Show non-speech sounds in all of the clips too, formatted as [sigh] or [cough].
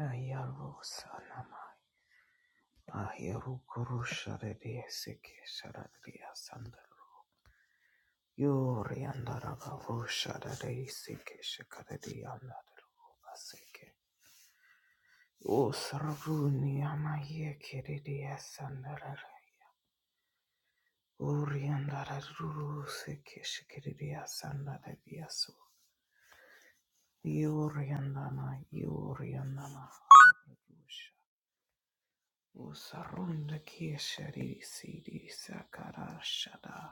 Ayarusanama. Ayarukurusharede seke sharadia sandalu. Yuri andaragavu sharade seke shakaradi andalu baseke. Usaruni amaye kiridia sandarare. Uri andararu seke shikiridia sandaradia su. Yuri andama, yuri andama. Usarunda kishari sidi sakarashada.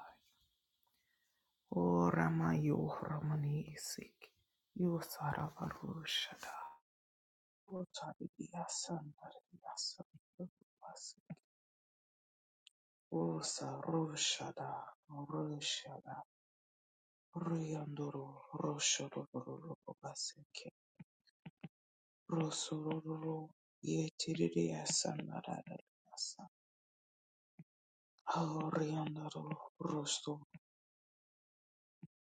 O Rama Yo Ramani Isik Yo Sara Varushada O Taribiya Sandariya Sandarabas O Sarushada Rushada Ruyanduru Roshodo Rubaseke Rosururu Yetiriya Sandarabasa Auriyanduru Rosto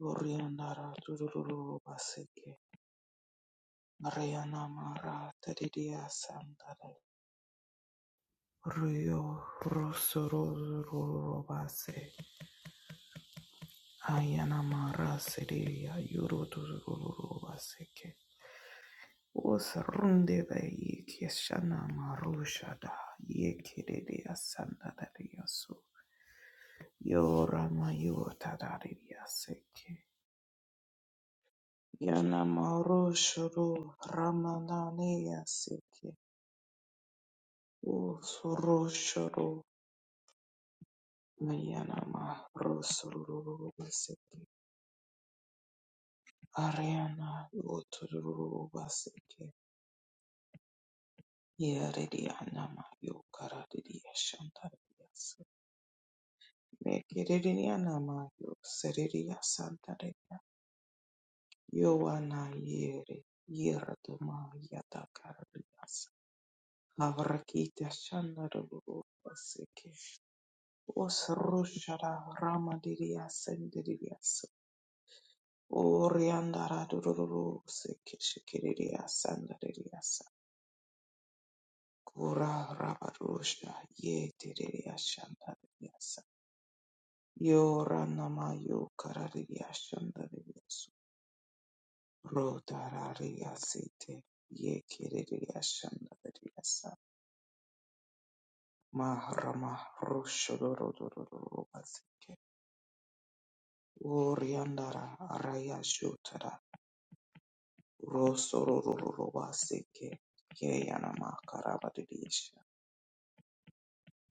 Uriyandara Tururu Baseke Mariana Mara Taribiya Rio Rosorobase Ayana Mara Seria Yurotobaseke was Rundebe Yikeshana Marushada Yekiria Sandadaria So Yorama Yotadaria Seke Yana Marushuru Ramanania Seke Usurushuru Mayana Marusurubaseke Ariana Utururu Baseke Yaririana Mayo Karadiria Shandarias Mekiririana Mayo Seriria Santaria Yoana Yere Yeradoma Yatakarias Avrakita Shandaru Baseke Osrushara Ramadiria Sendirias Oriandara Dururu Seke Shikiriria Sandarias Kura rabarusha ye tereya shandariyasa. Yo ranama yo karariya shandariyasu. Rotarariyasite ye kereriya shandariyasa. Mahrama roshororororobasike. Oriandara arayashutara rosorororobasike. Ye yanama karabariyasha.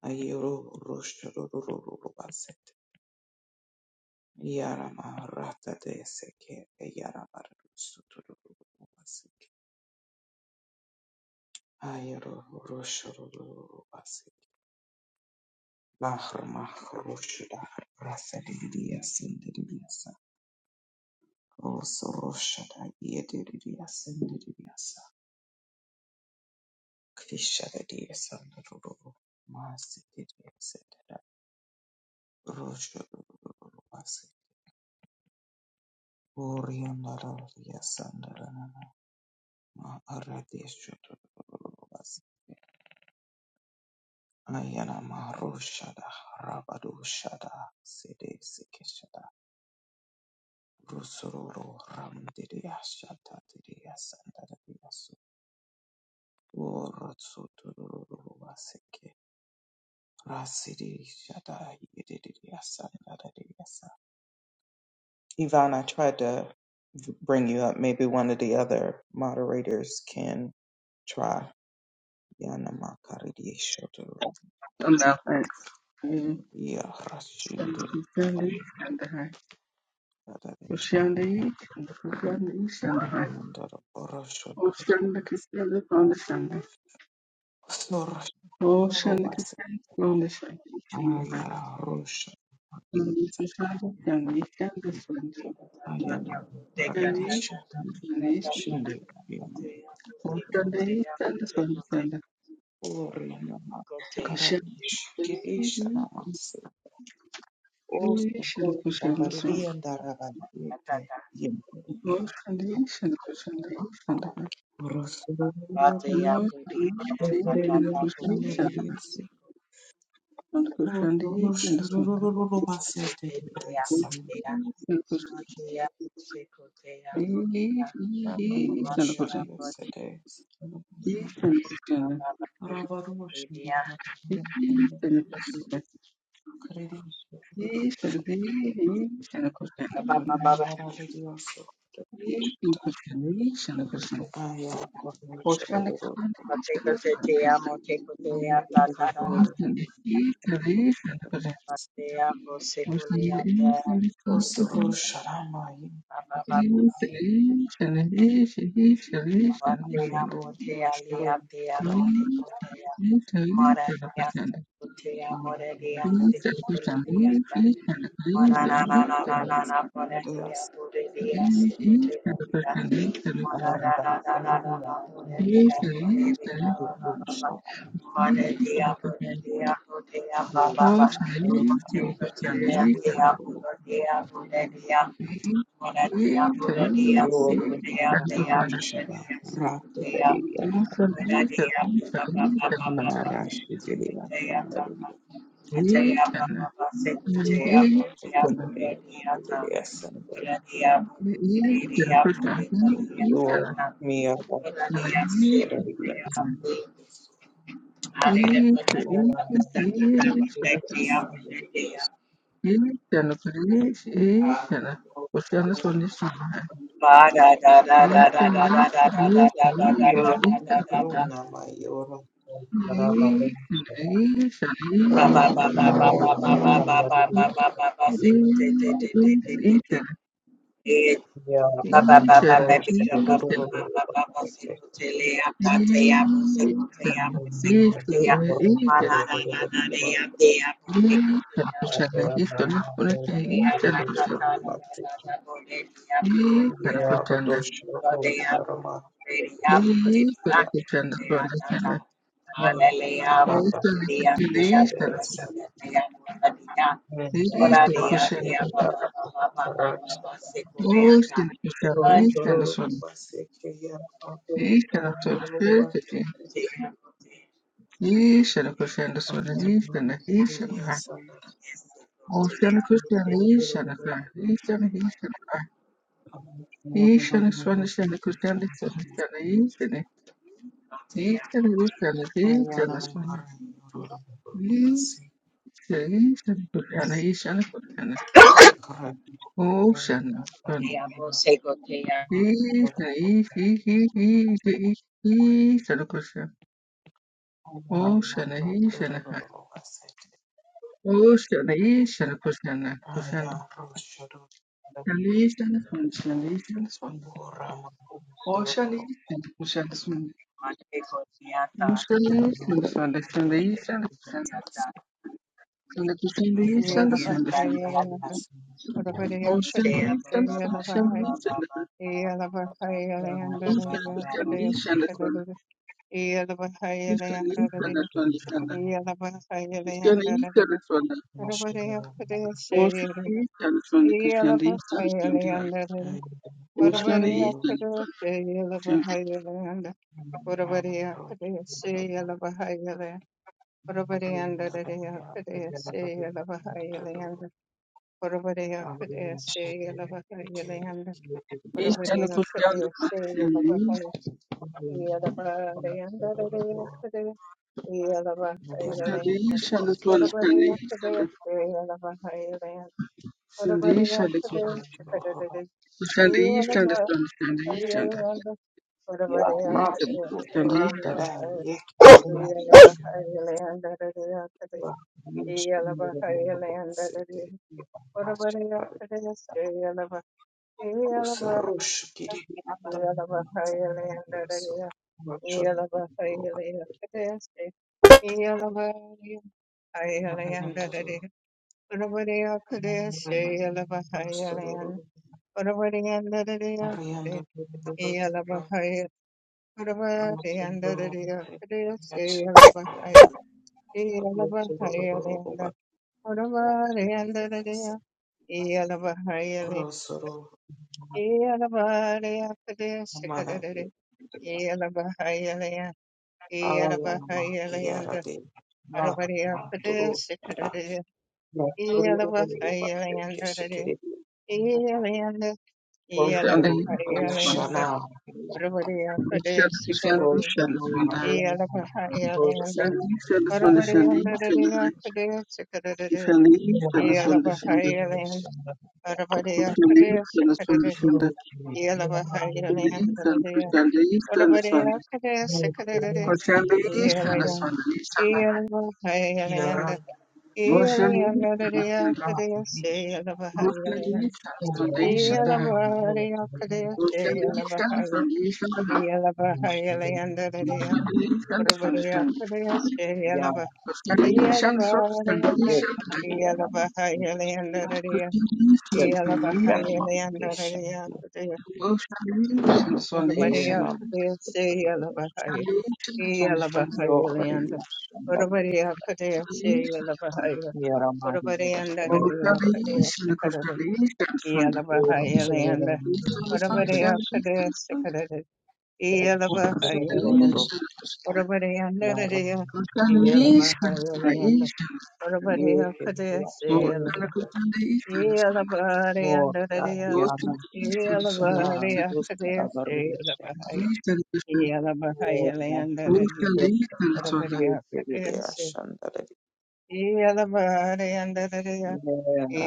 Ayoro roshorororobasite. Yarama rata de seke e yarama suturu basik. Ayro roshuru basik. Lahr mahr roshda raselidiya sindiriya Os roshda yediriya sindiriya sa. Krishada diya sanduru masikiriya sindira roshuru basik. Oriyan lara diya sandara ma aradiyashuru Ayana Maroshada Rabado Shada Sede Sikeshada Rusururu Ramdiria Shata Diria Sandaria Urotsutururu Vaseke Rasidi Shada Yedidia Sandaria Yvonne, I tried to v- bring you up. Maybe one of the other moderators can try. Yana Makaridi Shodoro Oh, no, thanks. Mm, Ya and the Rashindi Christian and the high. Christian League and the Christian League and the high. Yandoro Oh, the Christian League on the Sunday. Sorosha Oh, the Ruas Christian League on the Sunday. And the high. Ayala Rosha And the Yatsa Christian League and the Sunday. Ayana Ocean the Karadashi Shinde Ayana East and the Sunday. Christian League, Christian League, and the high. Oh, Oriana the East and the Karadash Sunday, Sunday. Christian Kirisha League, Namasi Osta English and Gota the Sunday. Varian Daravana Yake Oh, Yemperia Shan the East and Christian League and the high. Rosalia Oh, Shan the East and Deferia the League and the high. Chanadarius And Christian D and the Rosha son. Rubasete And San Christian D is and Rosha Christian. Yosete Is and Christian. Is Rabarushi and Barabaraso Christian. Credenso Is and D and Christian. Is and Christian. Mandara Lidioso and Christian. Aya Rabarusha Ocean is and Christian. Ocean is and is and Christian. Ocean is and is and Christian. and is Oso Rusha Ramai and is and Christian. Amaro Rushro Eastern, Eastern, Eastern, Deas Amarata Radia Rusha Amin Yoruba Eastern, Rakadariya Marashidiriya Sandariya Yorakadariya Sandariya Sandariya Yormiya Ishan, Ishan, Rakadariya Sandariya Ishan, Yorakadariya Sandariya Ishan, Ishan, Ishan, Ishan, Yoruna Mayora Rabarun Sandariya Yeah, I'm not going to do Ishan, Karakuchanda. Karakuchanda. Karakuchanda. Oh, Karakuchanda. Karakuchanda. Karakuchanda. Oh, Karakuchanda. Karakuchanda. Karakuchanda. Ishana Kushanda Swada Ishana Ishana Ha Oshana Kushanda Ishana it. Ha Ishana Ishana Ha Thank Ishana Swanda Shana Kushanda Swanda Shana Ishana Ishana Kushanda Ishana Swanda Ishana Ishana Kushanda Ishana Ocean, sun, Isha, Isha, Isha, Isha, Krishna, Ocean, Isha, Ocean, Isha, Krishna, Krishna, And Isha, Krishna, Isha, Swan, Ocean, Isha, Krishna, Swan, Ocean, Isha, Swan, Krishna, Isha, Krishna, Krishna, Krishna, Yeah, Isha, Swan, Krishna, Ocean, Isha, Swan, Krishna, Isha, Krishna, Krishna, Isha, Isha, Swan, Krishna, Isha, Isha, Swan, Krishna. Ocean east and from the Christian east and from the heart. Ocean east and from the Christian you. Oravareya Hallelujah. Kadeshe Okay. Yelavahayalayanda Yes. You east and Oravareya from the Kadeshe Christian east. Yelavahay Yelavarayandarareya Kade Ocean Yelavahayalayanda east and from the Christian Oravareya east and Kadeshe Yelavahayalayanda from the east Oravareya and Kadeshe Kadadade from the Christian east and from the Christian east Yelavahayalayanda are Oravareya from Kadeshe and from east the day. and Yelavahay Yes. Yelavahayalayandarareya Kade Yes. Yelavahayalayandarareya City. Oravareya Kadeshe Yelavahay Usrush Yeah, kiri anda sana yosu. Wacho roba. Mariando. Rostoro. Mariando. Amaturo, yes. Duro, duro, duro, duro. Yes. Duro, duro, amara. Ah, mama. Iara, Yelabahayelianda, de. Ma, Arabadea ma, duro, Kadea para. Sikadea, Duro, duro, duro, duro. Yelabahayelianda, Yes. Kere. Yelianda, Duro, Christian dura, east and Christian east and from the Christian Christian east and from the Christian east and from shana. Yelabahayelianda, Arabadea the Christian Kadea east and Christian east and from the Christian east Duro, Sikadea, shana, and dura, dura, dura, dura. Yelabahayelianda, Arabadea Kadea Sikadea, Dura, Yelabahayelianda, Arabadea Kadea from Sikadea, the Christian Yelabahayelianda, Listen, Christian, listen, son. Arabadea Kadea dura, dura, Sikadea, Christian, Yelaya, listen, dura. son, listen, the high. Yelabahayelianda, Yaranda Motion, listen, Yalabahaya, son. Prati Motion, listen, son, listen, the Sundays and the Viskurana high. Maharoti Motion, listen, Yalabahaya, son, listen, the high. Yalabahaya, Vishnanda Motion, listen, Ora son, bari listen. Yana Christian, listen, son, listen, listen, the Sundays and the Vekti Yanama high. Christian, listen, son, Vekti listen. Yanama Desha Motion, listen, son, listen. Christian, listen, son, listen. Christian, listen, son. Motion, listen, Enam Yohari Yashandar Yaramari anda Yashandar rari akade Christian, listen, son. Ero Yalabahayalanda. Sororando Vish Orabadea Vish kadestakadada. Yalabahayalanda. Sorororo Orabadeandadadea. Yarama Yalabahayalanda. Orabadea Yehe kadestayala. Yashandar Borda Yalabadeandadadea. yana ishana Yalabadea rusara kadestayala. barisha borda Yalabahayalandadadea. rusara Thank Orabadea yekerere kadestay. ashandare Yalabadeandadadea. mera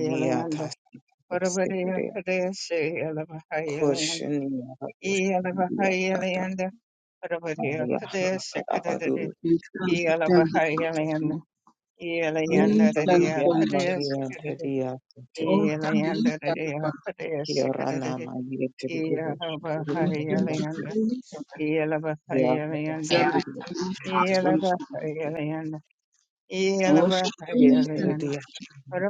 niya tasti Orabadea estekere kadestayala. koshini yara koshini tata Eelabahayalayanda Rabadiya ariya Kadesha harakara Kadadadi baruru Eelabahayalayanda o Eelayanda Radiya pranaya Kadesha maniya Kadadadi teriya rana Eelayanda Radiya Kadesha kirana Kadadadi maniya teri rubo shuru rubo rubo Eelabahayalayanda ya Eelabahayalayanda tasti rubo Eelabahayalayanda Eelabahayalayanda Yeteridia, you.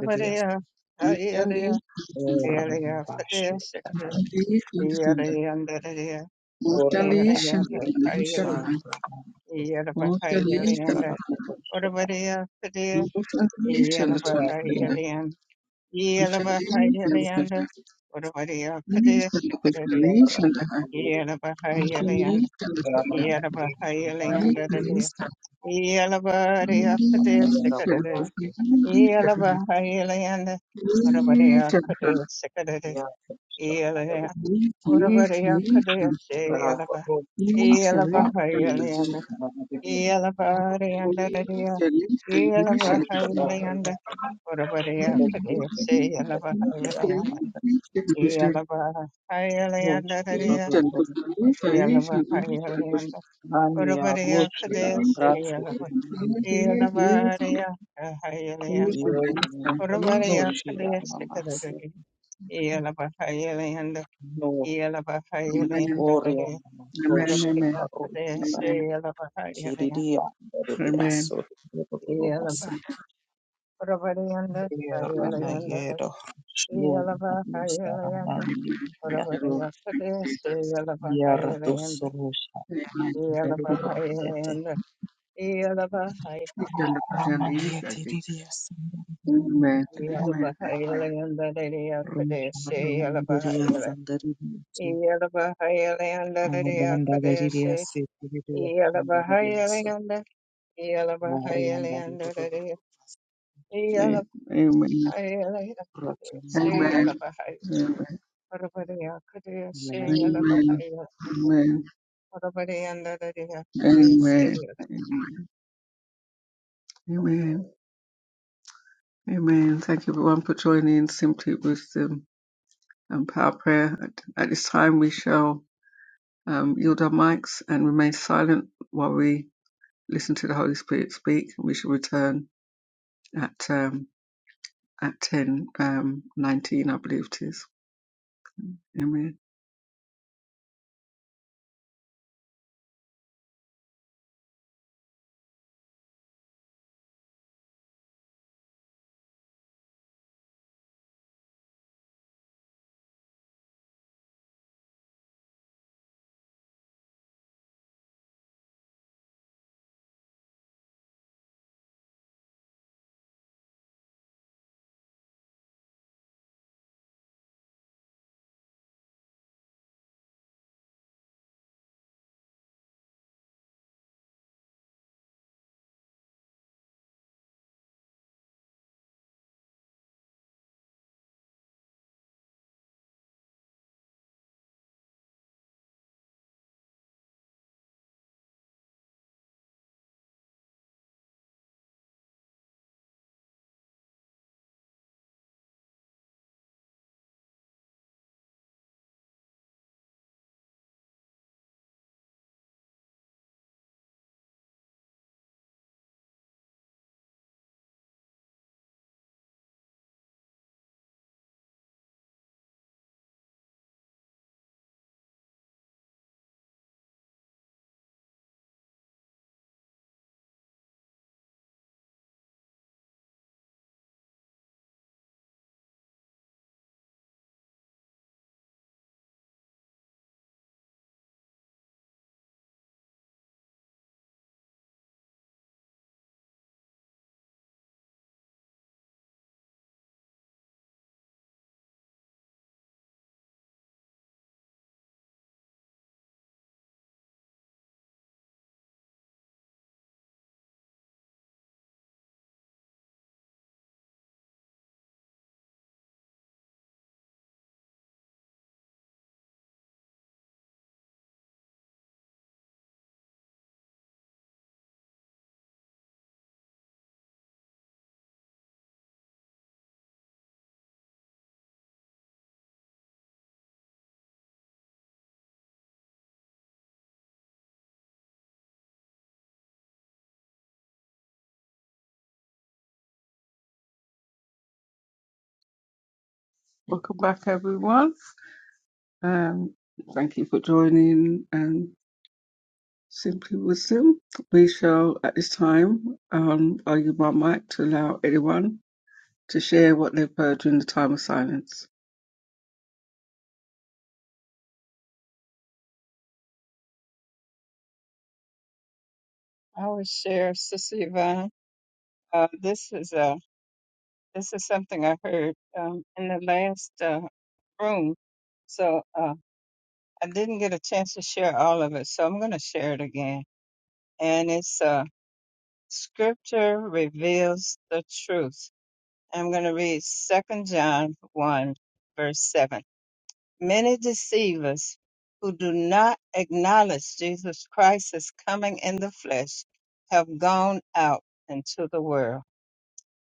Yeteridia, Thank Hayalaya Ora Eelaya Mabashi, Kadesha Kadadadi Eelayanda Radiya Ora Dahir, Eelayanda Shah, you. Yelabahayalian, Sarata Kushita, Utabadiya Sadia, Yadam, Yelabahayalian, Yelabahayalian, Utabadiya Kadia Sikadi, Sakura, Yelabahayalian, Yadam, Yelabahayalian, Yadis, Yelabadiya Kadia Amaya, Ora, Sikadi, Yelabahayalian, Utabadiya Kadia Sikadi, Yadam, Yelabadiya Kadia Rafa, Sikadi, Ora, Yelabahayalian, Dish, Yadam, Selling primary Yalabariyandariya, calculation. Selling fees calculation. Shadar, Yadam, Yalabahayalayanda, Yadam, Urabariya Kadesi, Yalabahayalayanda, In Yalabahayalayandariya, calculation, science and calculation. Yalabahayalayanda, Ndani ya Urabariya roshi In la Kadesi, rasi Yalaba- calculation, science is used Yalabariya Kahayalayanda, for Urabariya calculation. roshi la Kadesi mamasi Kadariya, Yalabahayalayanda, no Amen. orion Yalabahayalayandariya, mama Amen. Amen. roshi Urabariya la roshi Amen. la Kadesi, kiriria Amen. Amen. Amen. nderiya so Yalabahayalayanda, robasi Orabariyanda, era na Hayalayanda, yero no Iyalava, mamusa la Hayalayanda, nangi ya Orabariyakadesi, Iyalava, yara Hayalayanda, dosso rosha na Iyalava, nderiya tete Hayalayanda, Iyalava, Hay, Amen. rama nderiya sandariya Amen. Iyalava, Amen. Hayalayanda, roshi la Iyakadesi, Iyalava, nderiya Hayalay, sandariya Iyalava, Hayalayanda, Aranda ririya Iyakadesi, sete ririya Iyalava, so- Hayalayanda, Iyalava, Marianda Hayalayanda, Iyalava, rurururu, Hayalayanda, Amen. Amen. Amen. Iyalava, Hay, Amen. Orabariyakadesi, Iyalava, Amen. Hayalay. Amen. Amen. Amen. Amen. Thank you everyone for joining Simply Wisdom and Power Prayer. At, at this time, we shall um, yield our mics and remain silent while we listen to the Holy Spirit speak. We shall return at um, at ten um, nineteen, I believe it is. Amen. Welcome back, everyone. Um, thank you for joining, and. Simply wisdom, we shall at this time um, argue my mic to allow anyone to share what they've heard during the time of silence. I would share, Sister Yvonne, uh, this is uh, this is something I heard um, in the last uh, room, so uh, I didn't get a chance to share all of it, so I'm going to share it again. And it's uh, Scripture reveals the truth. I'm going to read Second John 1, verse 7. many deceivers who do not acknowledge Jesus Christ as coming in the flesh have gone out into the world.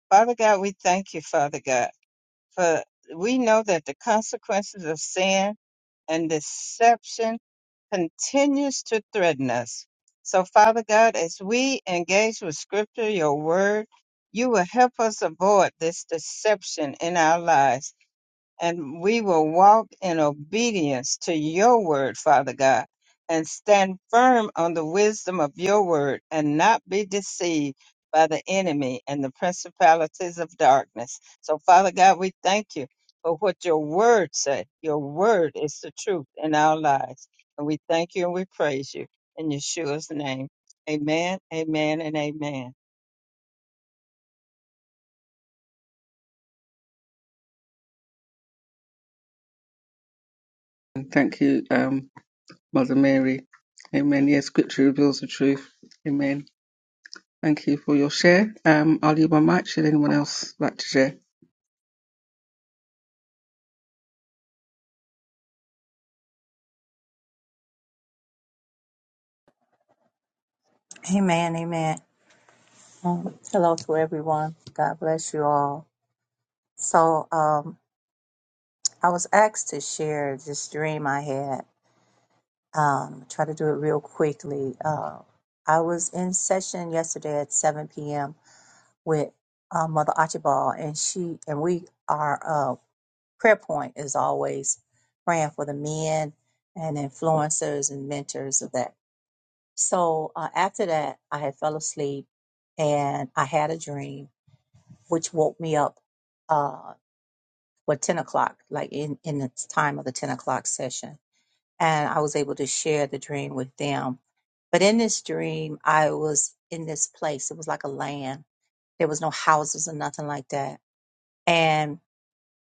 Father God, we thank you, Father God, for we know that the consequences of sin and deception continues to threaten us. So, Father God, as we engage with Scripture, your word, you will help us avoid this deception in our lives and we will walk in obedience to your word, Father God, and stand firm on the wisdom of your word and not be deceived by the enemy and the principalities of darkness. So, Father God, we thank you for what your word said. Your word is the truth in our lives. And we thank you and we praise you in Yeshua's name. Amen, amen, and amen. And thank you, um, Mother Mary. Amen. Yes, Scripture reveals the truth. Amen. Thank you for your share. Um, I'll leave my mic. Should anyone else like to share? Amen, amen. Um, hello to everyone. God bless you all. So, um, I was asked to share this dream I had. Um, try to do it real quickly. Uh, I was in session yesterday at 7 p.m. with uh, Mother Archibald, and she and we our uh, prayer point is always praying for the men and influencers and mentors of that. So uh, after that, I had fell asleep and I had a dream which woke me up uh well 10 o'clock like in in the time of the 10 o'clock session and i was able to share the dream with them but in this dream i was in this place it was like a land there was no houses or nothing like that and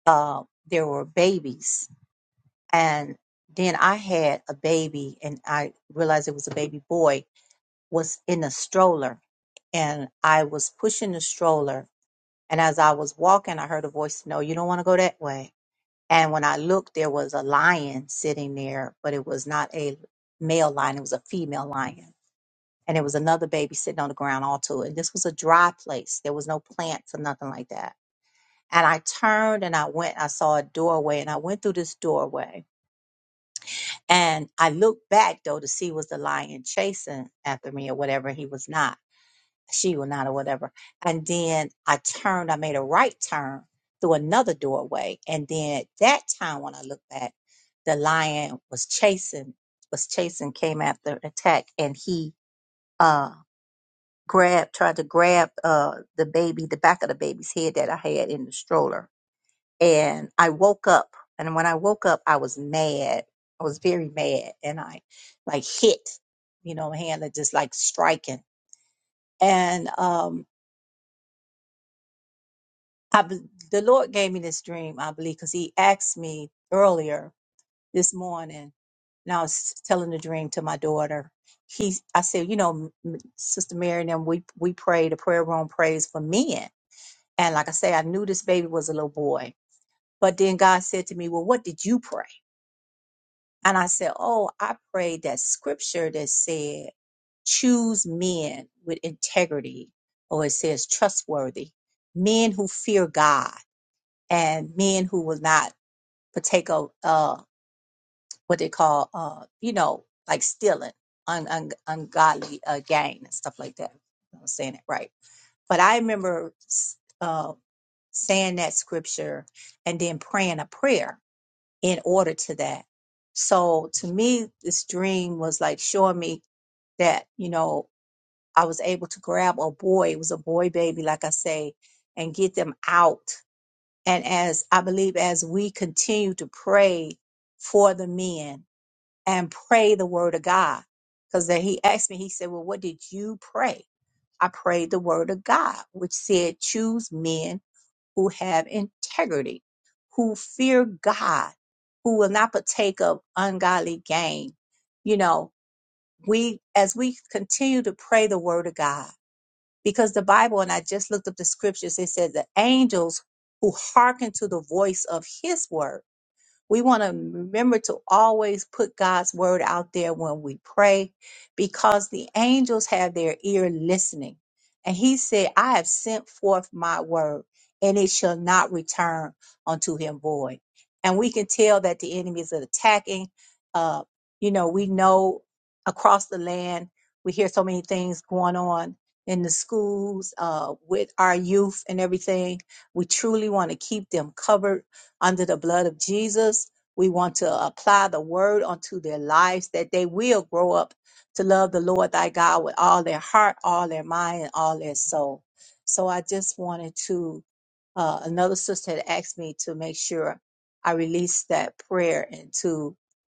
uh there were babies and then i had a baby and i realized it was a baby boy was in a stroller and i was pushing the stroller and as i was walking i heard a voice no you don't want to go that way And when I looked, there was a lion sitting there, but it was not a male lion, it was a female lion. And there was another baby sitting on the ground all to it. This was a dry place. There was no plants or nothing like that. And I turned and I went, I saw a doorway and I went through this doorway. And I looked back though to see was the lion chasing after me or whatever. He was not she or not or whatever. And then I turned, I made a right turn through another doorway. And then at that time when I looked back, the lion was chasing, was chasing, came after attack and he uh grabbed, tried to grab uh the baby, the back of the baby's head that I had in the stroller. And I woke up and when I woke up I was mad. I was very mad and I like hit, you know, my hand like, just like striking. And um I, be- the Lord gave me this dream, I believe, because He asked me earlier this morning, and I was telling the dream to my daughter. He, I said, you know, M- Sister Mary and them, we we pray the prayer room prays for men, and like I say, I knew this baby was a little boy, but then God said to me, well, what did you pray? And I said, oh, I prayed that scripture that said, choose men with integrity, or it says trustworthy, men who fear God and men who will not partake of uh, what they call, uh, you know, like stealing, un- un- ungodly uh, gain and stuff like that. I'm saying it right, but I remember s- uh, saying that scripture and then praying a prayer in order to that. So to me, this dream was like showing me that you know I was able to grab a boy. It was a boy baby, like I say, and get them out and as I believe, as we continue to pray for the men and pray the word of God, because then he asked me, he said, Well, what did you pray? I prayed the word of God, which said, Choose men who have integrity, who fear God, who will not partake of ungodly gain. You know, we, as we continue to pray the word of God, because the Bible, and I just looked up the scriptures, it said the angels who hearken to the voice of his word. We want to remember to always put God's word out there when we pray because the angels have their ear listening. And he said, I have sent forth my word and it shall not return unto him void. And we can tell that the enemy is attacking. Uh, you know, we know across the land, we hear so many things going on in the schools uh, with our youth and everything. We truly want to keep them covered under the blood of Jesus. We want to apply the word unto their lives that they will grow up to love the Lord thy God with all their heart, all their mind, and all their soul. So I just wanted to, uh, another sister had asked me to make sure I release that prayer and to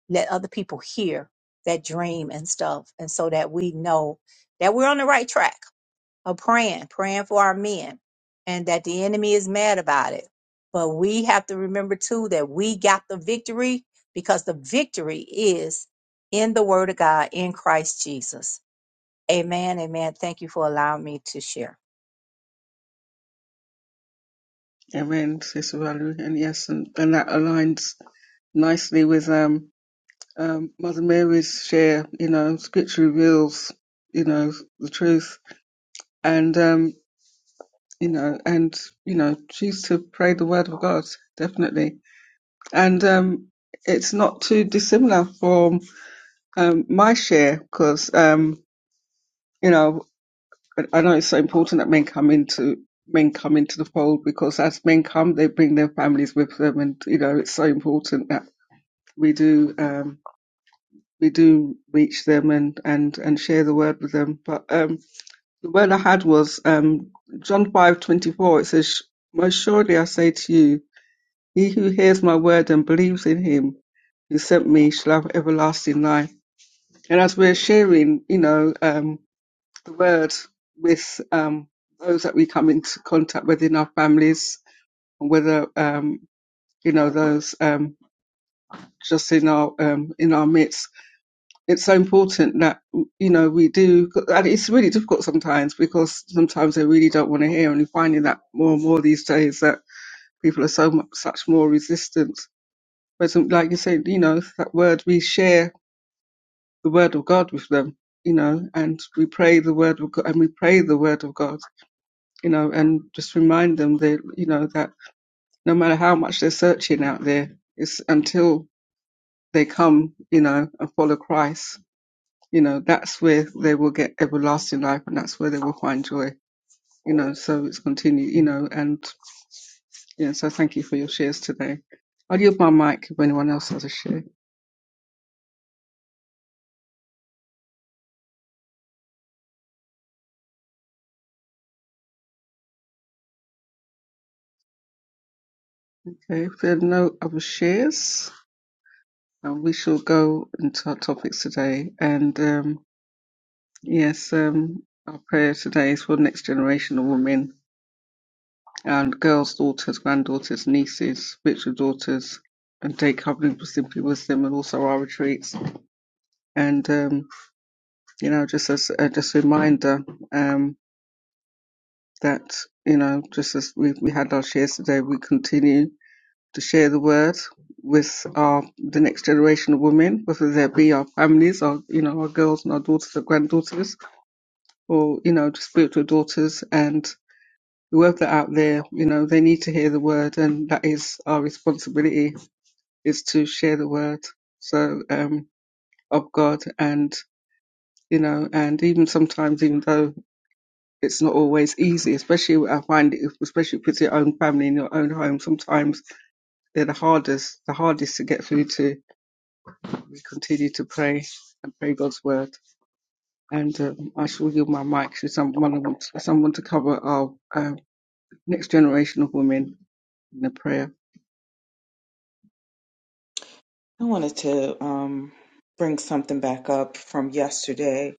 let other people hear that dream and stuff. And so that we know that we're on the right track of praying, praying for our men, and that the enemy is mad about it. But we have to remember too that we got the victory because the victory is in the Word of God in Christ Jesus. Amen. Amen. Thank you for allowing me to share. Amen, Sister Valerie. And yes, and, and that aligns nicely with um, um, Mother Mary's share. You know, Scripture reveals, you know, the truth. And um, you know, and you know, choose to pray the word of God definitely. And um, it's not too dissimilar from um, my share because um, you know I I know it's so important that men come into men come into the fold because as men come, they bring their families with them, and you know it's so important that we do um, we do reach them and and and share the word with them. But um, the word I had was um, John five twenty four. It says, "Most surely I say to you." He who hears my word and believes in him who sent me shall have everlasting life. And as we're sharing, you know, um, the word with um, those that we come into contact with in our families, and whether um, you know those um, just in our um, in our midst, it's so important that you know we do. And it's really difficult sometimes because sometimes they really don't want to hear, and you're finding that more and more these days that people are so much, such more resistant But some- like you said, you know, that word, we share the word of God with them, you know, and we pray the word of God and we pray the word of God, you know, and just remind them that, you know, that no matter how much they're searching out there, it's until they come, you know, and follow Christ, you know, that's where they will get everlasting life and that's where they will find joy, you know, so it's continue, you know, and, yeah, so thank you for your shares today. I'll give my mic if anyone else has a share. Okay, if there are no other shares. Um, we shall go into our topics today, and um, yes, um, our prayer today is for the next generation of women and girls, daughters, granddaughters, nieces, spiritual daughters, and day covering for simply wisdom, and also our retreats. And um, you know, just as uh, just a reminder um, that you know, just as we we had our shares today, we continue to share the word with our the next generation of women, whether they be our families, our you know, our girls and our daughters, our granddaughters or you know spiritual daughters and whoever out there you know they need to hear the word and that is our responsibility is to share the word so um of god and you know and even sometimes even though it's not always easy especially i find it, especially if it's your own family in your own home sometimes they're the hardest the hardest to get through to we continue to pray and pray god's word and um, i shall yield my mic to someone someone to cover our um, next generation of women in a prayer. I wanted to um, bring something back up from yesterday.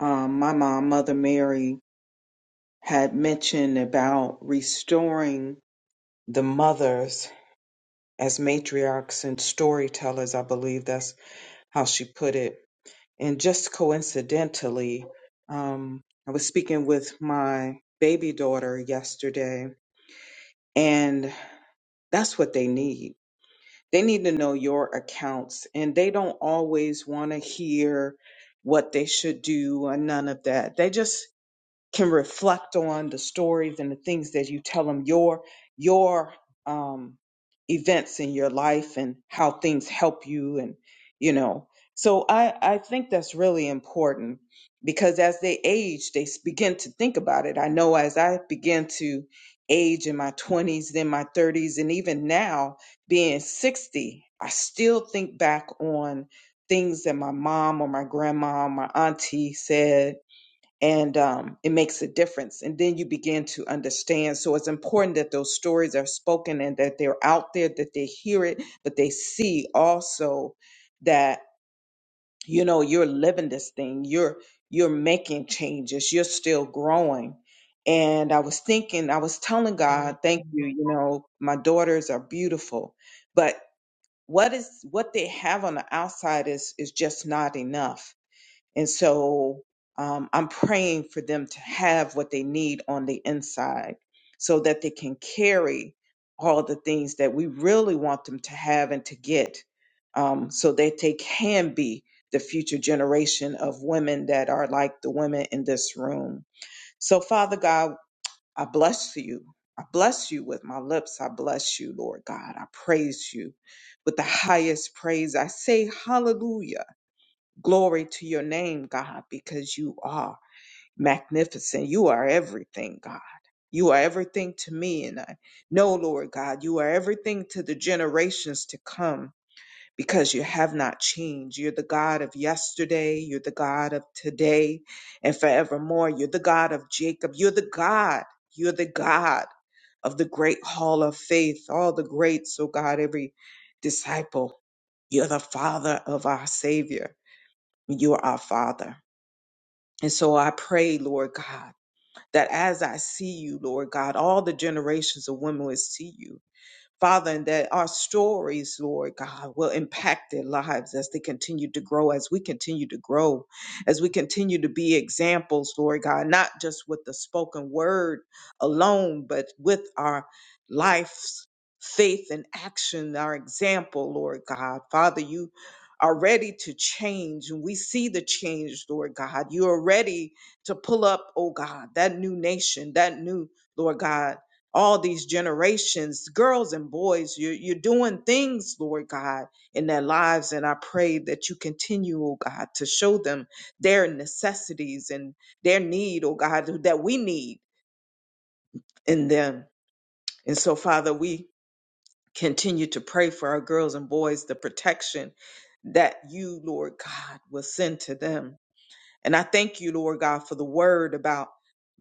Um, my mom, Mother Mary, had mentioned about restoring the mothers as matriarchs and storytellers. I believe that's how she put it. And just coincidentally, um, I was speaking with my baby daughter yesterday, And that's what they need. They need to know your accounts, and they don't always want to hear what they should do or none of that. They just can reflect on the stories and the things that you tell them your your um events in your life and how things help you and you know so i i think that's really important because as they age they s- begin to think about it i know as i began to age in my 20s then my 30s and even now being 60 i still think back on things that my mom or my grandma my auntie said and um, it makes a difference. And then you begin to understand. So it's important that those stories are spoken and that they're out there, that they hear it, but they see also that you know you're living this thing. You're you're making changes. You're still growing. And I was thinking, I was telling God, thank you. You know, my daughters are beautiful, but what is what they have on the outside is is just not enough and so um, I'm praying for them to have what they need on the inside so that they can carry all the things that we really want them to have and to get um, so that they can be the future generation of women that are like the women in this room. So, Father God, I bless you. I bless you with my lips. I bless you, Lord God. I praise you with the highest praise. I say hallelujah Glory to your name, God, because you are magnificent. You are everything, God. You are everything to me. And I know, Lord God, you are everything to the generations to come because you have not changed. You're the God of yesterday. You're the God of today and forevermore. You're the God of Jacob. You're the God. You're the God of the great hall of faith, all the greats, oh God, every disciple. You're the Father of our Savior. You are our Father. And so I pray, Lord God, that as I see you, Lord God, all the generations of women will see you Father, and that our stories, Lord God, will impact their lives as they continue to grow, as we continue to grow, as we continue to be examples, Lord God, not just with the spoken word alone, but with our life's faith and action, our example, Lord God. Father, you are ready to change, and we see the change, Lord God. You are ready to pull up, oh God, that new nation, that new, Lord God all these generations, girls and boys. You're, you're doing things, Lord God, in their lives. And I pray that you continue, oh God, to show them their necessities and their need, oh God, that we need in them. And so, Father, we continue to pray for our girls and boys the protection that you, Lord God, will send to them and I thank you, Lord God, for the word about,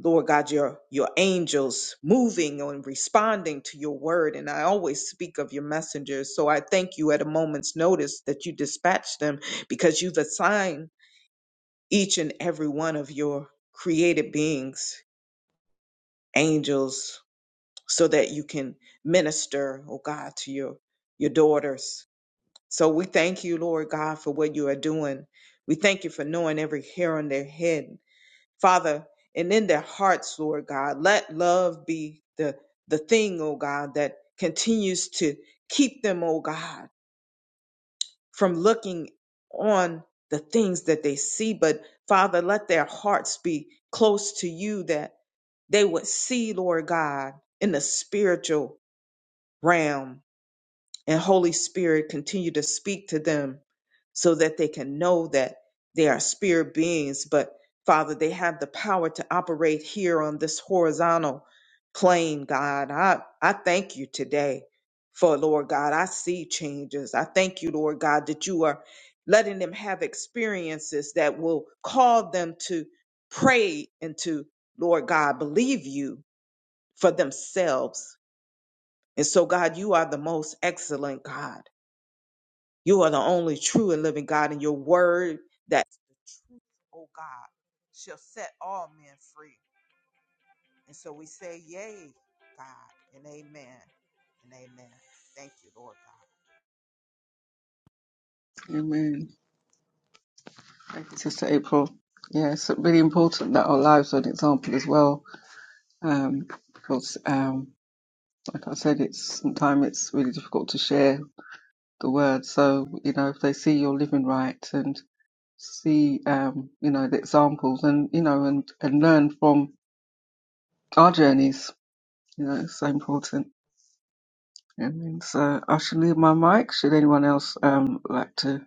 Lord God, your, your angels moving and responding to your word. And I always speak of your messengers. So I thank you at a moment's notice that you dispatch them because you've assigned each and every one of your created beings, angels, so that you can minister, oh God, to your, your daughters. So we thank you, Lord God, for what you are doing. We thank you for knowing every hair on their head. Father, and in their hearts, Lord God, let love be the the thing, oh God, that continues to keep them, oh God, from looking on the things that they see. But Father, let their hearts be close to you that they would see, Lord God, in the spiritual realm and Holy Spirit, continue to speak to them so that they can know that they are spirit beings. But Father, they have the power to operate here on this horizontal plane, God. I, I thank you today for, Lord God, I see changes. I thank you, Lord God, that you are letting them have experiences that will call them to pray and to, Lord God, believe you for themselves. And so, God, you are the most excellent God. You are the only true and living God, and your word that the truth, oh God, shall set all men free. And so we say, Yay, God, and amen, and amen. Thank you, Lord God. Amen. Thank you, Sister April. Yeah, it's really important that our lives are an example as well, um, because, um, like I said, it's sometimes it's really difficult to share the word. So you know, if they see you're living right and see, um, you know, the examples, and you know, and and learn from our journeys, you know, it's so important. Amen. So I should leave my mic. Should anyone else um like to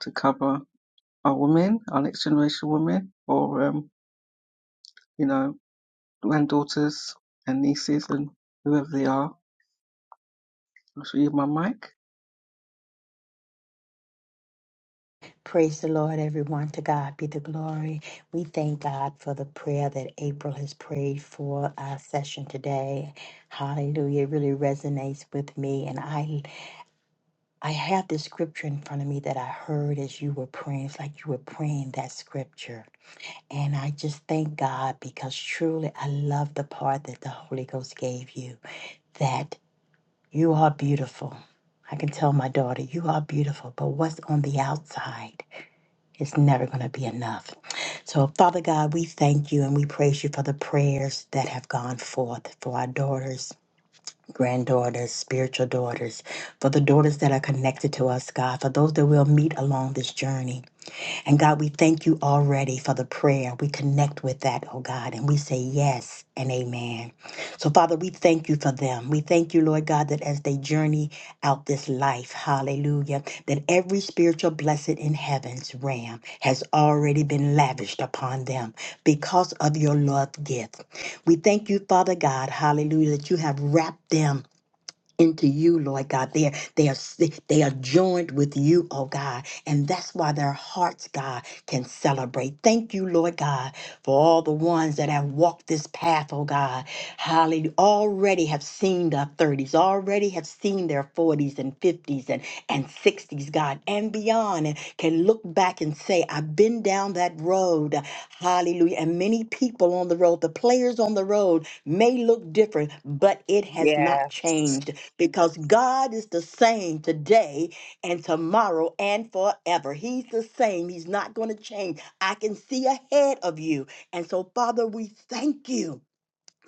to cover? our women, our next generation women, or um, you know, granddaughters and nieces and whoever they are. I shall use my mic. Praise the Lord, everyone. To God be the glory. We thank God for the prayer that April has prayed for our session today. Hallelujah. It really resonates with me. And I I have this scripture in front of me that I heard as you were praying. It's like you were praying that scripture. And I just thank God because truly I love the part that the Holy Ghost gave you that you are beautiful. I can tell my daughter, you are beautiful, but what's on the outside? It's never going to be enough. So, Father God, we thank you and we praise you for the prayers that have gone forth for our daughters, granddaughters, spiritual daughters, for the daughters that are connected to us, God, for those that we'll meet along this journey. And God, we thank you already for the prayer. We connect with that, oh God, and we say yes and amen. So, Father, we thank you for them. We thank you, Lord God, that as they journey out this life, hallelujah, that every spiritual blessing in heaven's realm has already been lavished upon them because of your love gift. We thank you, Father God, hallelujah, that you have wrapped them into you, Lord God. They are, they are si- they are joined with you, oh God, and that's why their hearts, God, can celebrate. Thank you, Lord God, for all the ones that have walked this path, oh God. Hallelujah! Already have seen their thirties, already have seen their forties and fifties and and sixties, God, and beyond, and can look back and say, "I've been down that road." Hallelujah! And many people on the road, the players on the road, may look different, but it has not Yes. changed because God is the same today and tomorrow and forever. He's the same. He's not going to change. I can see ahead of you. And so, Father, we thank you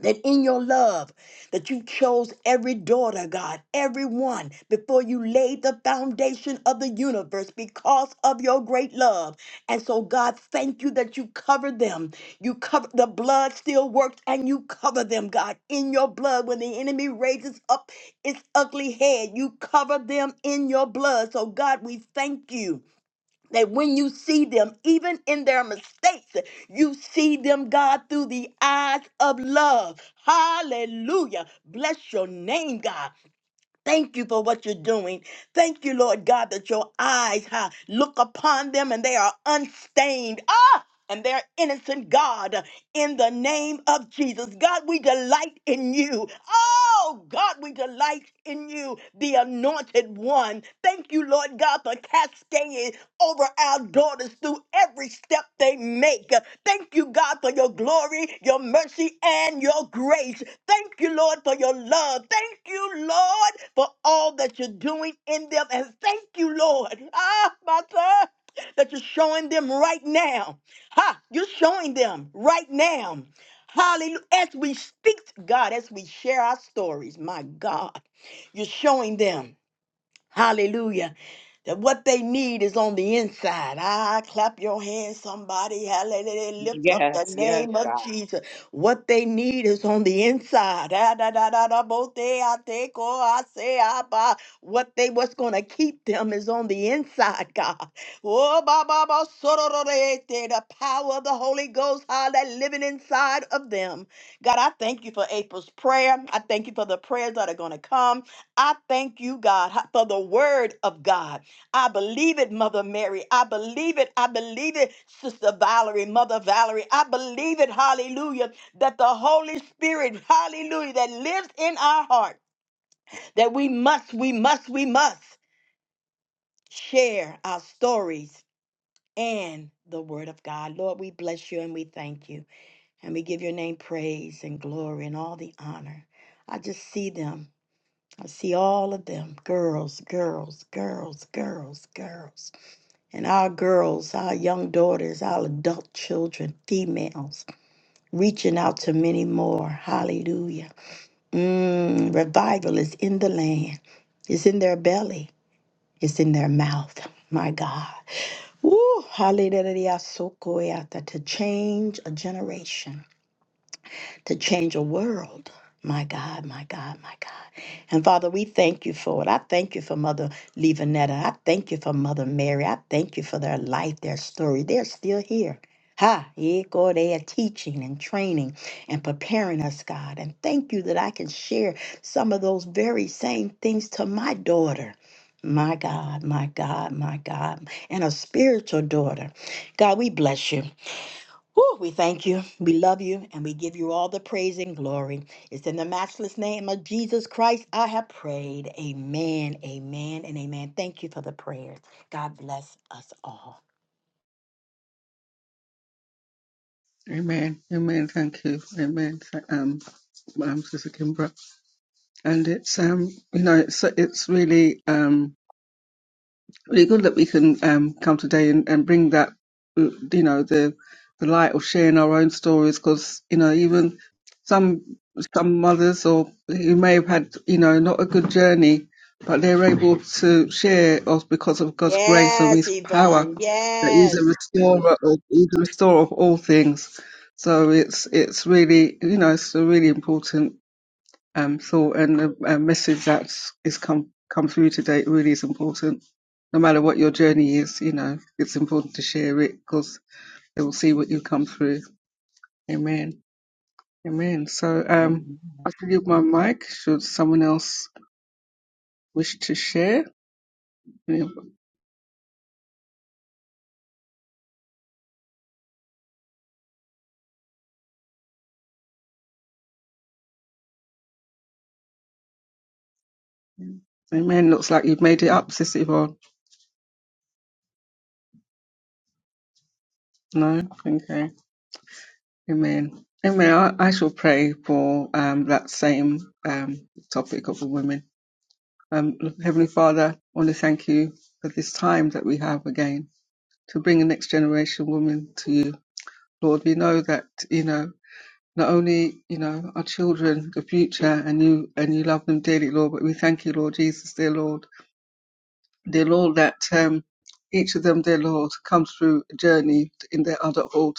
that in your love that you chose every daughter god everyone before you laid the foundation of the universe because of your great love and so god thank you that you covered them you cover the blood still works and you cover them god in your blood when the enemy raises up its ugly head you cover them in your blood so god we thank you that when you see them, even in their mistakes, you see them, God, through the eyes of love. Hallelujah. Bless your name, God. Thank you for what you're doing. Thank you, Lord God, that your eyes ha, look upon them and they are unstained. Ah, and their innocent God in the name of Jesus. God, we delight in you. Oh, God, we delight in you, the anointed one. Thank you, Lord God, for cascading over our daughters through every step they make. Thank you, God, for your glory, your mercy, and your grace. Thank you, Lord, for your love. Thank you, Lord, for all that you're doing in them. And thank you, Lord, [laughs] ah, my God, that you're showing them right now. Ha! You're showing them right now. Hallelujah. As we speak, God, as we share our stories, my God, you're showing them. Hallelujah. That what they need is on the inside. Ah, clap your hands, somebody. Hallelujah. Lift up Yes. the Yes, name of Jesus. What they need is on the inside. Ah, da, da, da, da, bo, te, ah, te, ko, ah, se, ah, ba. What they what's gonna keep them is on the inside, God. Oh, ba, ba, ba, so, do, do, de, te, the power of the Holy Ghost, how that living inside of them. God, I thank you for April's prayer. I thank you for the prayers that are gonna come. I thank you, God, for the word of God. I believe it, Mother Mary. I believe it. I believe it, Sister Valerie, Mother Valerie. I believe it, hallelujah, that the Holy Spirit, hallelujah, that lives in our heart, that we must, we must, we must share our stories and the word of God. Lord, we bless you and we thank you. And we give your name praise and glory and all the honor. I just see them. I see all of them girls, girls, girls, girls, girls. And our girls, our young daughters, our adult children, females, reaching out to many more. Hallelujah. Mm, revival is in the land, it's in their belly, it's in their mouth. My God. Woo, hallelujah. To change a generation. to change a world. My God, my God, my God. And Father, we thank you for it. I thank you for Mother Levanetta. I thank you for Mother Mary. I thank you for their life, their story. They're still here. Ha, yeah, God, they are teaching and training and preparing us, God. And thank you that I can share some of those very same things to my daughter. My God, my God, my God, and a spiritual daughter. God, we bless you. Whew, we thank you, we love you, and we give you all the praise and glory. It's in the matchless name of Jesus Christ I have prayed. Amen, amen, and amen. Thank you for the prayers. God bless us all. Amen. Amen. Thank you. Amen. Th- Um, um, Sister Kimbra. And it's um, you know, it's it's really um really good that we can um, come today and, and bring that, uh, you know, the the light of sharing our own stories because, you know, even some some mothers or who may have had, you know, not a good journey, but they're able to share us because of God's grace and Yes, His power Yvonne. that He's a Yes. restorer of He's a restorer of all things. So it's it's really you know it's really important um, thought and the uh, message that is come come through today really is important. No matter what your journey is, you know it's important to share it because they will see what you come through. Amen. Amen. So um, God. I will give my mic. Should someone else wish to share? Amen. Looks like you've made it up, Sister Yvonne. No. Okay. Amen. Amen. I, I shall pray for um, that same um, topic of the women Um, Heavenly Father, I want to thank you for this time that we have again to bring the next generation woman to you. Lord, we know that, you know, not only, you know, our children, the future, and you, and you love them dearly, Lord, but we thank you, Lord Jesus, dear Lord, dear Lord, that, um, each of them, dear Lord, comes through a journey in their adulthood.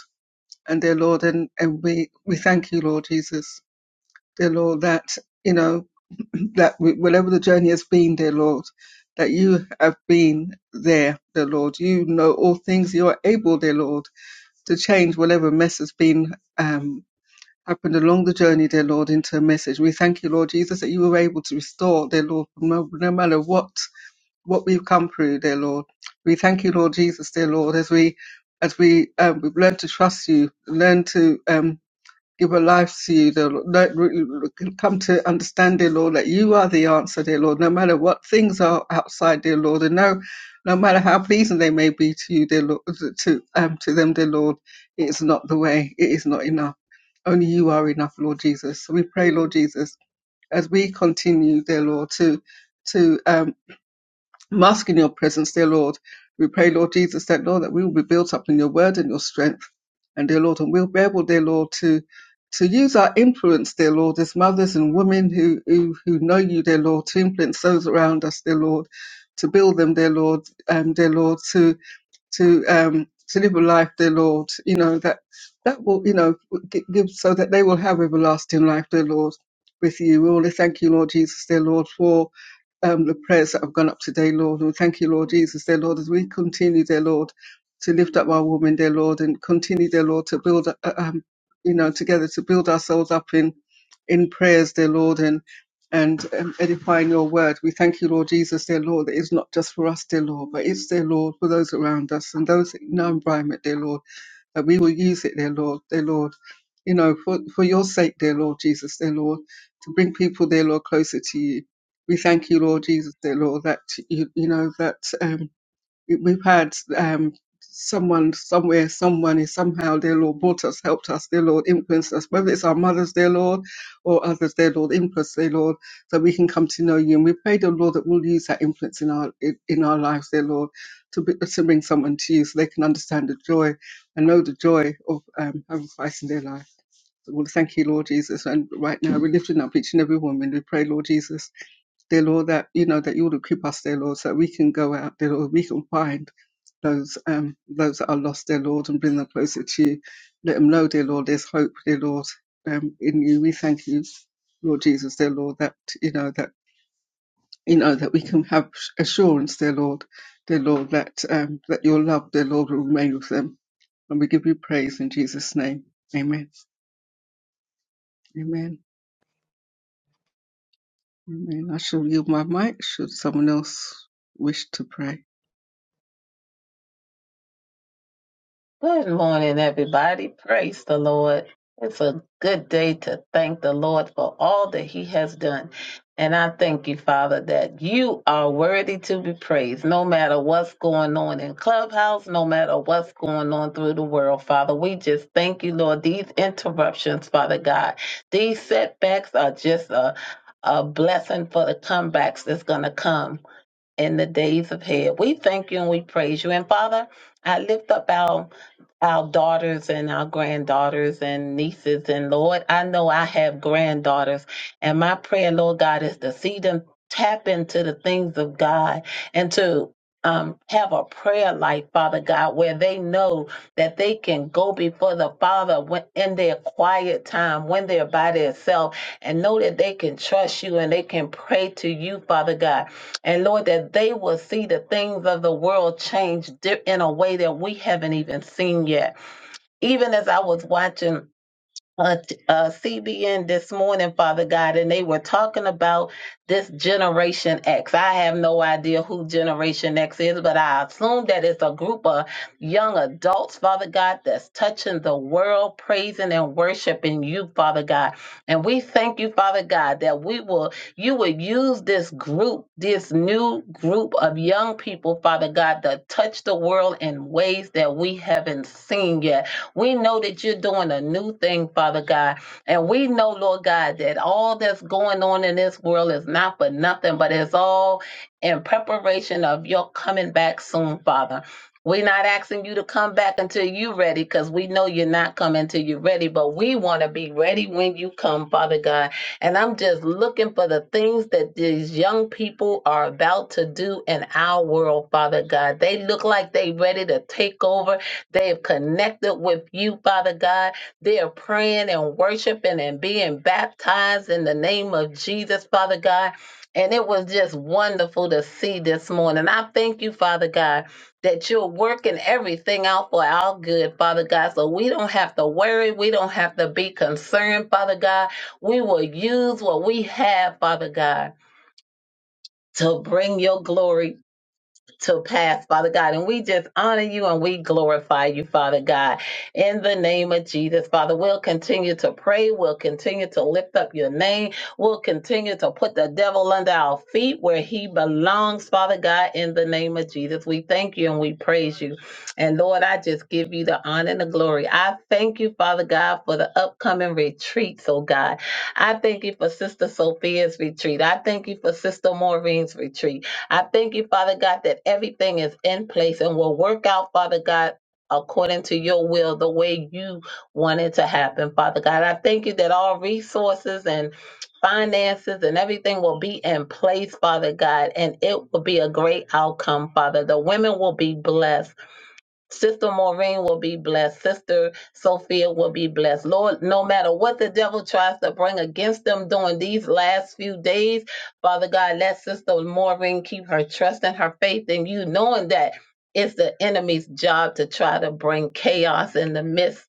And dear Lord, and, and we, we thank you, Lord Jesus, dear Lord, that, you know, [clears throat] that we, whatever the journey has been, dear Lord, that you have been there, dear Lord. You know all things. You are able, dear Lord, to change whatever mess has been um, happened along the journey, dear Lord, into a message. We thank you, Lord Jesus, that you were able to restore, dear Lord, no, no matter what what we've come through, dear Lord. We thank you, Lord Jesus, dear Lord, as we as we um, we've learned to trust you, learn to um, give a life to you, dear Lord. Let re- come to understand, dear Lord, that you are the answer, dear Lord, no matter what things are outside, dear Lord, and no, no matter how pleasing they may be to you, dear Lord, to um, to them, dear Lord, it is not the way. It is not enough. Only you are enough, Lord Jesus. So we pray, Lord Jesus, as we continue, dear Lord, to to um, I'm asking your presence, dear Lord. We pray, Lord Jesus, that Lord, that we will be built up in your word and your strength. And dear Lord, and we'll be able, dear Lord, to to use our influence, dear Lord, as mothers and women who who, who know you, dear Lord, to influence those around us, dear Lord, to build them, dear Lord, um, dear Lord, to to um to live a life, dear Lord, you know, that that will, you know, gi- give so that they will have everlasting life, dear Lord, with you. We want to thank you, Lord Jesus, dear Lord, for um, the prayers that have gone up today, Lord. We thank you, Lord Jesus, dear Lord, as we continue, dear Lord, to lift up our women, dear Lord, and continue, dear Lord, to build, uh, uh, um, you know, together to build ourselves up in, in prayers, dear Lord, and and um, edifying your word. We thank you, Lord Jesus, dear Lord, that it's not just for us, dear Lord, but it's, dear Lord, for those around us and those in our environment, dear Lord that we will use it, dear Lord, dear Lord, you know, for, for your sake, dear Lord Jesus, dear Lord, to bring people, dear Lord, closer to you. We thank you, Lord Jesus, dear Lord, that you, you know that. Um, we- we've had um, someone somewhere, someone is somehow, dear Lord, brought us, helped us, dear Lord, influenced us, whether it's our mothers, dear Lord, or others, dear Lord, influence, dear Lord, so we can come to know you. And we pray, dear Lord, that we'll use that influence in our in in our lives, dear Lord, to, be, to bring someone to you so they can understand the joy and know the joy of um, having Christ in their life. So we'll thank you, Lord Jesus. And right now, we're lifting up each and every woman. We pray, Lord Jesus dear Lord, that you know that you would equip us, dear Lord, so that we can go out, dear Lord, we can find those um those that are lost, dear Lord, and bring them closer to you. Let them know, dear Lord, there's hope, dear Lord, um, in you. We thank you, Lord Jesus, dear Lord, that you know that you know that we can have assurance, dear Lord, dear Lord, that um that your love, dear Lord, will remain with them. And we give you praise in Jesus' name. Amen. Amen. Amen. I shall yield my mic should someone else wish to pray. Good morning, everybody. Praise the Lord. It's a good day to thank the Lord for all that He has done. And I thank you, Father, that you are worthy to be praised no matter what's going on in Clubhouse, no matter what's going on through the world, Father. We just thank you, Lord. These interruptions, Father God, these setbacks are just a, a blessing for the comebacks that's going to come in the days ahead. We thank you and we praise you. And Father, I lift up our our daughters and our granddaughters and nieces and Lord, I know I have granddaughters and my prayer, Lord God, is to see them tap into the things of God and to um, have a prayer life, Father God, where they know that they can go before the Father when, in their quiet time, when they're by themselves, and know that they can trust you and they can pray to you, Father God and Lord, that they will see the things of the world change di- in a way that we haven't even seen yet. Even as I was watching uh, t- uh, CBN this morning, Father God, and they were talking about this Generation X. I have no idea who Generation X is, but I assume that it's a group of young adults, Father God, that's touching the world, praising and worshiping you, Father God. And we thank you, Father God, that we will, you will use this group, this new group of young people, Father God, that touch the world in ways that we haven't seen yet. We know that you're doing a new thing, Father God. And we know, Lord God, that all that's going on in this world is not for nothing, but it's all in preparation of your coming back soon, Father. We're not asking you to come back until you're ready because we know you're not coming till you're ready, but we want to be ready when you come, Father God. And I'm just looking for the things that these young people are about to do in our world, Father God. They look like they are ready to take over They've connected with you, Father God. They're praying and worshiping and being baptized in the name of Jesus, Father God. And it was just wonderful to see this morning. I thank you, Father God, that you're working everything out for our good, Father God. So we don't have to worry. We don't have to be concerned, Father God. We will use what we have, Father God, to bring your glory to pass, Father God. And we just honor you and we glorify you, Father God. In the name of Jesus, Father, we'll continue to pray. We'll continue to lift up your name. We'll continue to put the devil under our feet where he belongs, Father God. In the name of Jesus, we thank you and we praise you. And Lord, I just give you the honor and the glory. I thank you, Father God, for the upcoming retreats, oh God. I thank you for Sister Sophia's retreat. I thank you for Sister Maureen's retreat. I thank you, Father God, that everything is in place and will work out, Father God. According to your will, the way you want it to happen, Father God. I thank you that all resources and finances and everything will be in place, Father God, and it will be a great outcome, Father. The women will be blessed. Sister Maureen will be blessed. Sister Sophia will be blessed. Lord, no matter what the devil tries to bring against them during these last few days, Father God, let Sister Maureen keep her trust and her faith in you, knowing that it's the enemy's job to try to bring chaos in the midst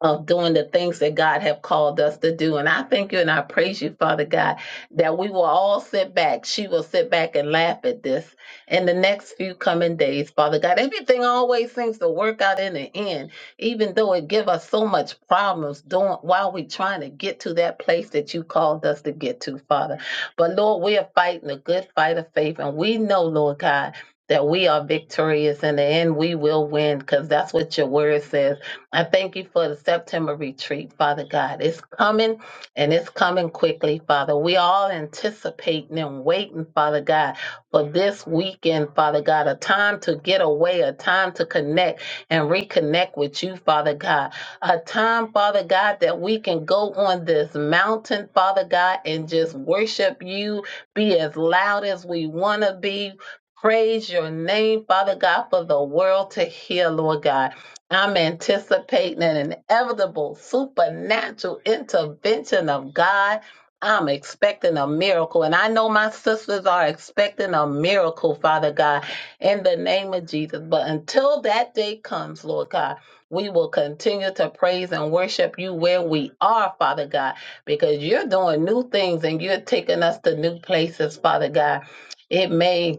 of doing the things that God have called us to do. And I thank you and I praise you, Father God, that we will all sit back. She will sit back and laugh at this in the next few coming days, Father God. Everything always seems to work out in the end, even though it give us so much problems doing while we trying to get to that place that you called us to get to, Father. But Lord, we are fighting a good fight of faith. And we know, Lord God, that we are victorious in the end we will win because that's what your word says I thank you for the September retreat, Father God. It's coming and it's coming quickly, Father. We all anticipating and waiting, Father God, for this weekend, Father God, a time to get away, a time to connect and reconnect with you, Father God. A time, Father God, that we can go on this mountain, Father God, and just worship you, be as loud as we want to be. Praise your name, Father God, for the world to hear, Lord God. I'm anticipating an inevitable supernatural intervention of God. I'm expecting a miracle. And I know my sisters are expecting a miracle, Father God, in the name of Jesus. But until that day comes, Lord God, we will continue to praise and worship you where we are, Father God, because you're doing new things and you're taking us to new places, Father God. It may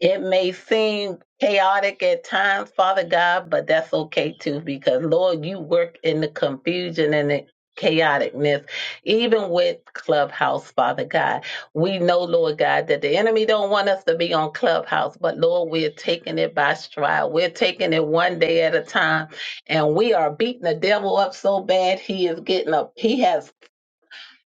it may seem chaotic at times, Father God, but that's okay too, because Lord, you work in the confusion and the chaoticness, even with Clubhouse, Father God. We know, Lord God, that the enemy don't want us to be on Clubhouse, but Lord, we're taking it by stride. We're taking it one day at a time, and we are beating the devil up so bad he is getting up. He has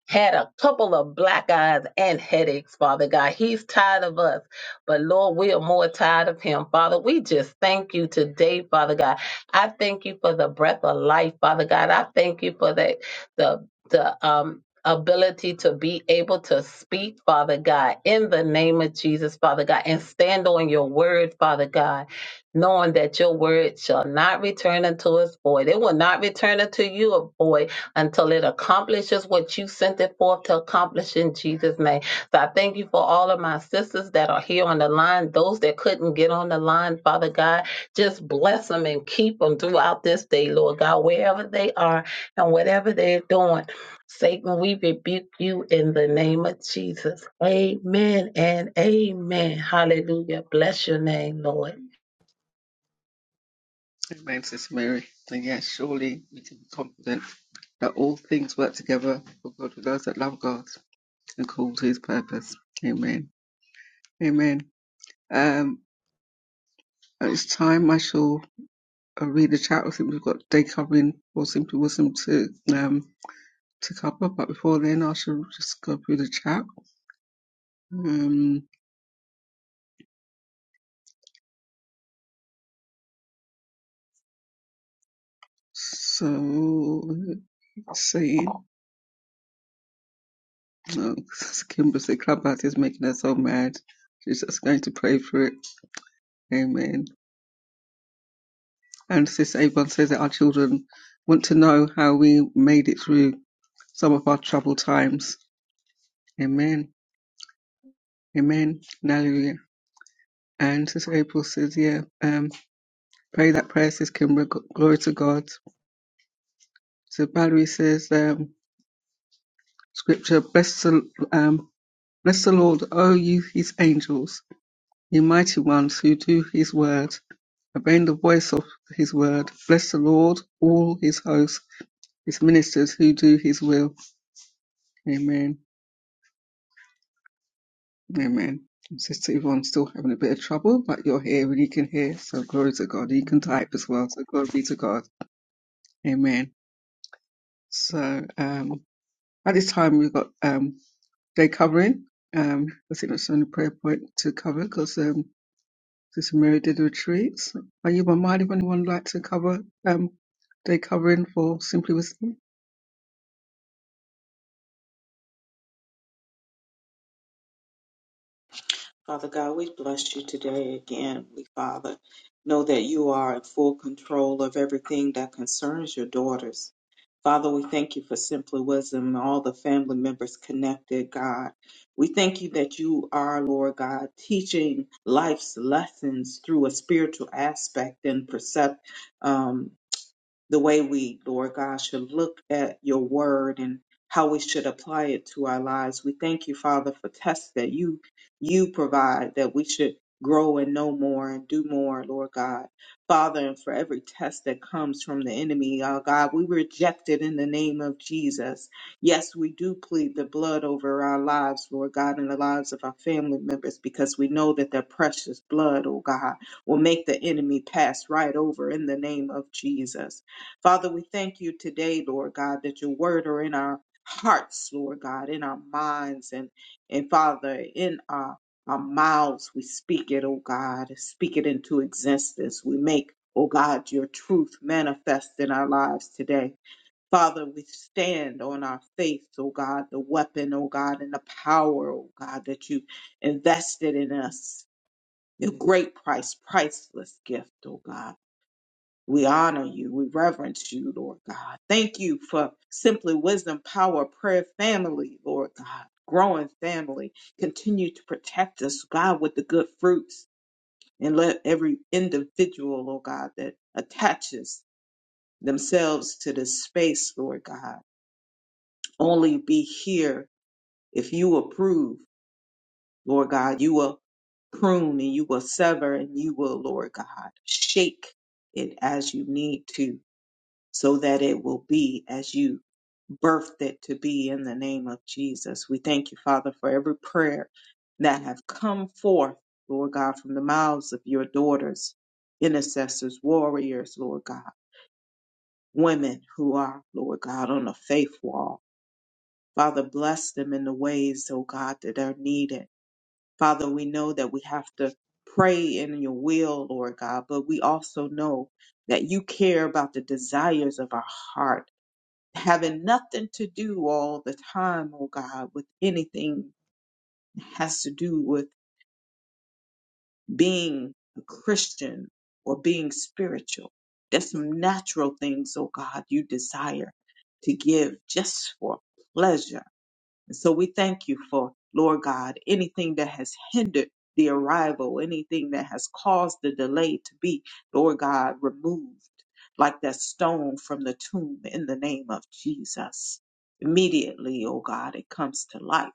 had a couple of black eyes and headaches, Father God. He's tired of us, but Lord, we are more tired of him. Father, we just thank you today, Father God. I thank you for the breath of life, Father God. I thank you for the the the um ability to be able to speak, Father God, in the name of Jesus, Father God, and stand on your word, Father God, knowing that your word shall not return unto us void. It will not return unto you void until it accomplishes what you sent it forth to accomplish in Jesus' name. So I thank you for all of my sisters that are here on the line, those that couldn't get on the line, Father God. Just bless them and keep them throughout this day, Lord God, wherever they are and whatever they're doing. Satan, we rebuke you in the name of Jesus. Amen and amen. Hallelujah. Bless your name, Lord. Amen, Sister Mary. And yes, surely we can be confident that all things work together for good for those that love God and call to his purpose. Amen. Amen. Um, at this time, I shall uh, read the chat. I think we've got day covering for Simply Wisdom to, um, to cover. But before then, I shall just go through the chat. Um, so, let's see. No, [laughs] Kimber said Clubhouse is making us so mad. She's just going to pray for it. Amen. and Sis Avon says that our children want to know how we made it through some of our troubled times. Amen. Amen. And Hallelujah. And Sis April says, yeah, um, pray that prayer, Sis Kimber. G- Glory to God. So Valerie says, um, scripture, bless the, um, bless the Lord, O you, his angels, you mighty ones who do his word, obeying the voice of his word. Bless the Lord, all his hosts, his ministers who do his will. Amen. Amen. Sister Yvonne's still having a bit of trouble, but you're here and you can hear. So glory to God. You can type as well. So glory be to God. Amen. So um, at this time, we've got um, day covering. Um, I think that's the only prayer point to cover because um, Sister Mary did the retreats. Are you by mind if anyone would like to cover um, day covering for Simply Wisdom? Father God, we bless you today again. We, Father, know that you are in full control of everything that concerns your daughters. Father, we thank you for Simply Wisdom and all the family members connected, God. We thank you that you are, Lord God, teaching life's lessons through a spiritual aspect and percept, um, the way we, Lord God, should look at your word and how we should apply it to our lives. We thank you, Father, for tests that you you provide that we should grow and know more and do more, Lord God. Father, and for every test that comes from the enemy, our God, we reject it in the name of Jesus. Yes, we do plead the blood over our lives, Lord God, and the lives of our family members because we know that their precious blood, oh God, will make the enemy pass right over in the name of Jesus. Father, we thank you today, Lord God, that your word are in our hearts, Lord God, in our minds, and and Father, in our our mouths, we speak it, oh God, speak it into existence. We make, oh God, your truth manifest in our lives today. Father, we stand on our faith, oh God, the weapon, oh God, and the power, oh God, that you invested in us, your great price, priceless gift, oh God. We honor you. We reverence you, Lord God. Thank you for Simply Wisdom Power Prayer Family, Lord God. Growing family. Continue to protect us, God, with the good fruits and let every individual, Lord God, that attaches themselves to this space, Lord God, only be here if you approve, Lord God. You will prune and you will sever and you will, Lord God, shake it as you need to so that it will be as you birthed it to be in the name of Jesus. We thank you, Father, for every prayer that have come forth, Lord God, from the mouths of your daughters, intercessors, warriors, Lord God, women who are, Lord God, on the faith wall. Father, bless them in the ways, oh God, that are needed. Father, we know that we have to pray in your will, Lord God, but we also know that you care about the desires of our heart having nothing to do all the time, oh God, with anything that has to do with being a Christian or being spiritual. There's some natural things, oh God, you desire to give just for pleasure and So we thank you for, Lord God, anything that has hindered the arrival, anything that has caused the delay to be, Lord God, removed like that stone from the tomb in the name of Jesus. Immediately, oh God, it comes to life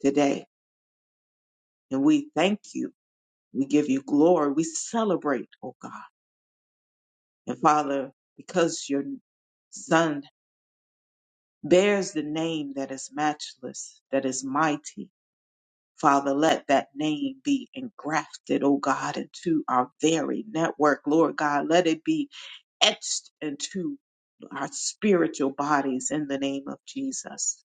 today. And we thank you. We give you glory. We celebrate, oh God. And Father, because your son bears the name that is matchless, that is mighty, Father, let that name be engrafted, oh God, into our very network, Lord God. Let it be etched into our spiritual bodies in the name of Jesus.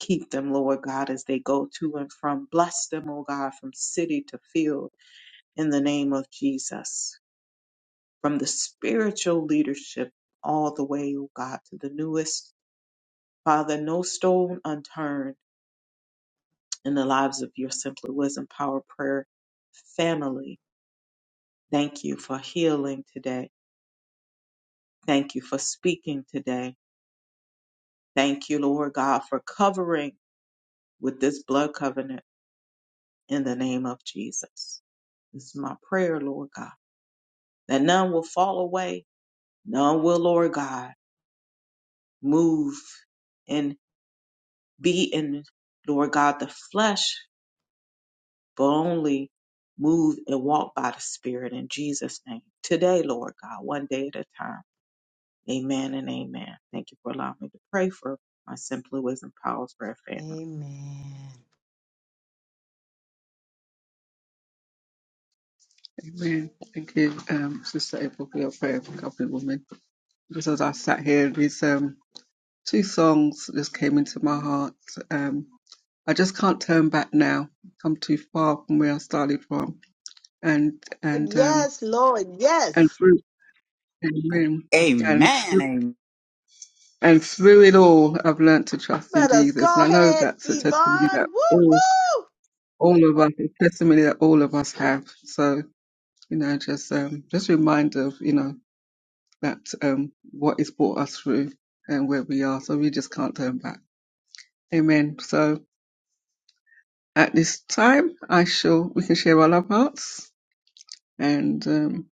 Keep them, Lord God, as they go to and from. Bless them, O God, from city to field in the name of Jesus. From the spiritual leadership all the way, O God, to the newest. Father, no stone unturned in the lives of your Simply Wisdom Power Prayer family Thank you for healing today. Thank you for speaking today. Thank you, Lord God, for covering with this blood covenant in the name of Jesus. This is my prayer, Lord God, that none will fall away. None will, Lord God, move and be in, Lord God, the flesh, but only move and walk by the Spirit in Jesus' name. Today, Lord God, one day at a time. Amen and amen. Thank you for allowing me to pray for my Simply Wisdom Power Prayer family. Amen. Amen. Thank you, um, Sister April, for your prayer for covering women. Just as I sat here, these. Um, two songs just came into my heart. Um, I just can't turn back now. Come too far from where I started from, and and um, Yes, Lord. and Yes. through Amen. and Amen. through, Amen. and through it all, I've learnt to trust in Let us Jesus, go and I know ahead, that's a testimony Yvonne. Woo that all woo. all of us, a testimony that all of us have. So you know, just um, just a reminder of you know that um, what is brought us through and where we are. So we just can't turn back. Amen. So. at this time, I shall we can share all our parts, and um,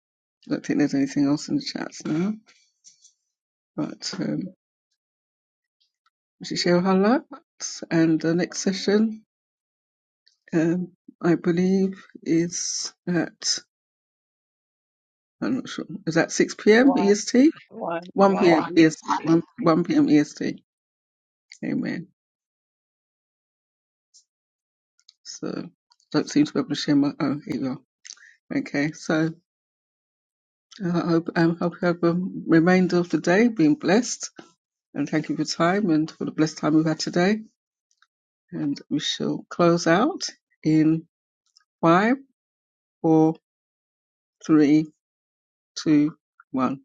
I don't think there's anything else in the chats now. But um, we should share all our parts, and the next session, um, I believe, is at I'm not sure. Is at 6 p.m. One, EST? one, 1 one p.m. EST. EST. 1, 1 p.m. EST. Amen. So don't seem to be able to share my. Oh, here you are. Okay. So I hope um, hope you have a remainder of the day being blessed and thank you for your time and for the blessed time we've had today. And we shall close out in five, four, three, two, one.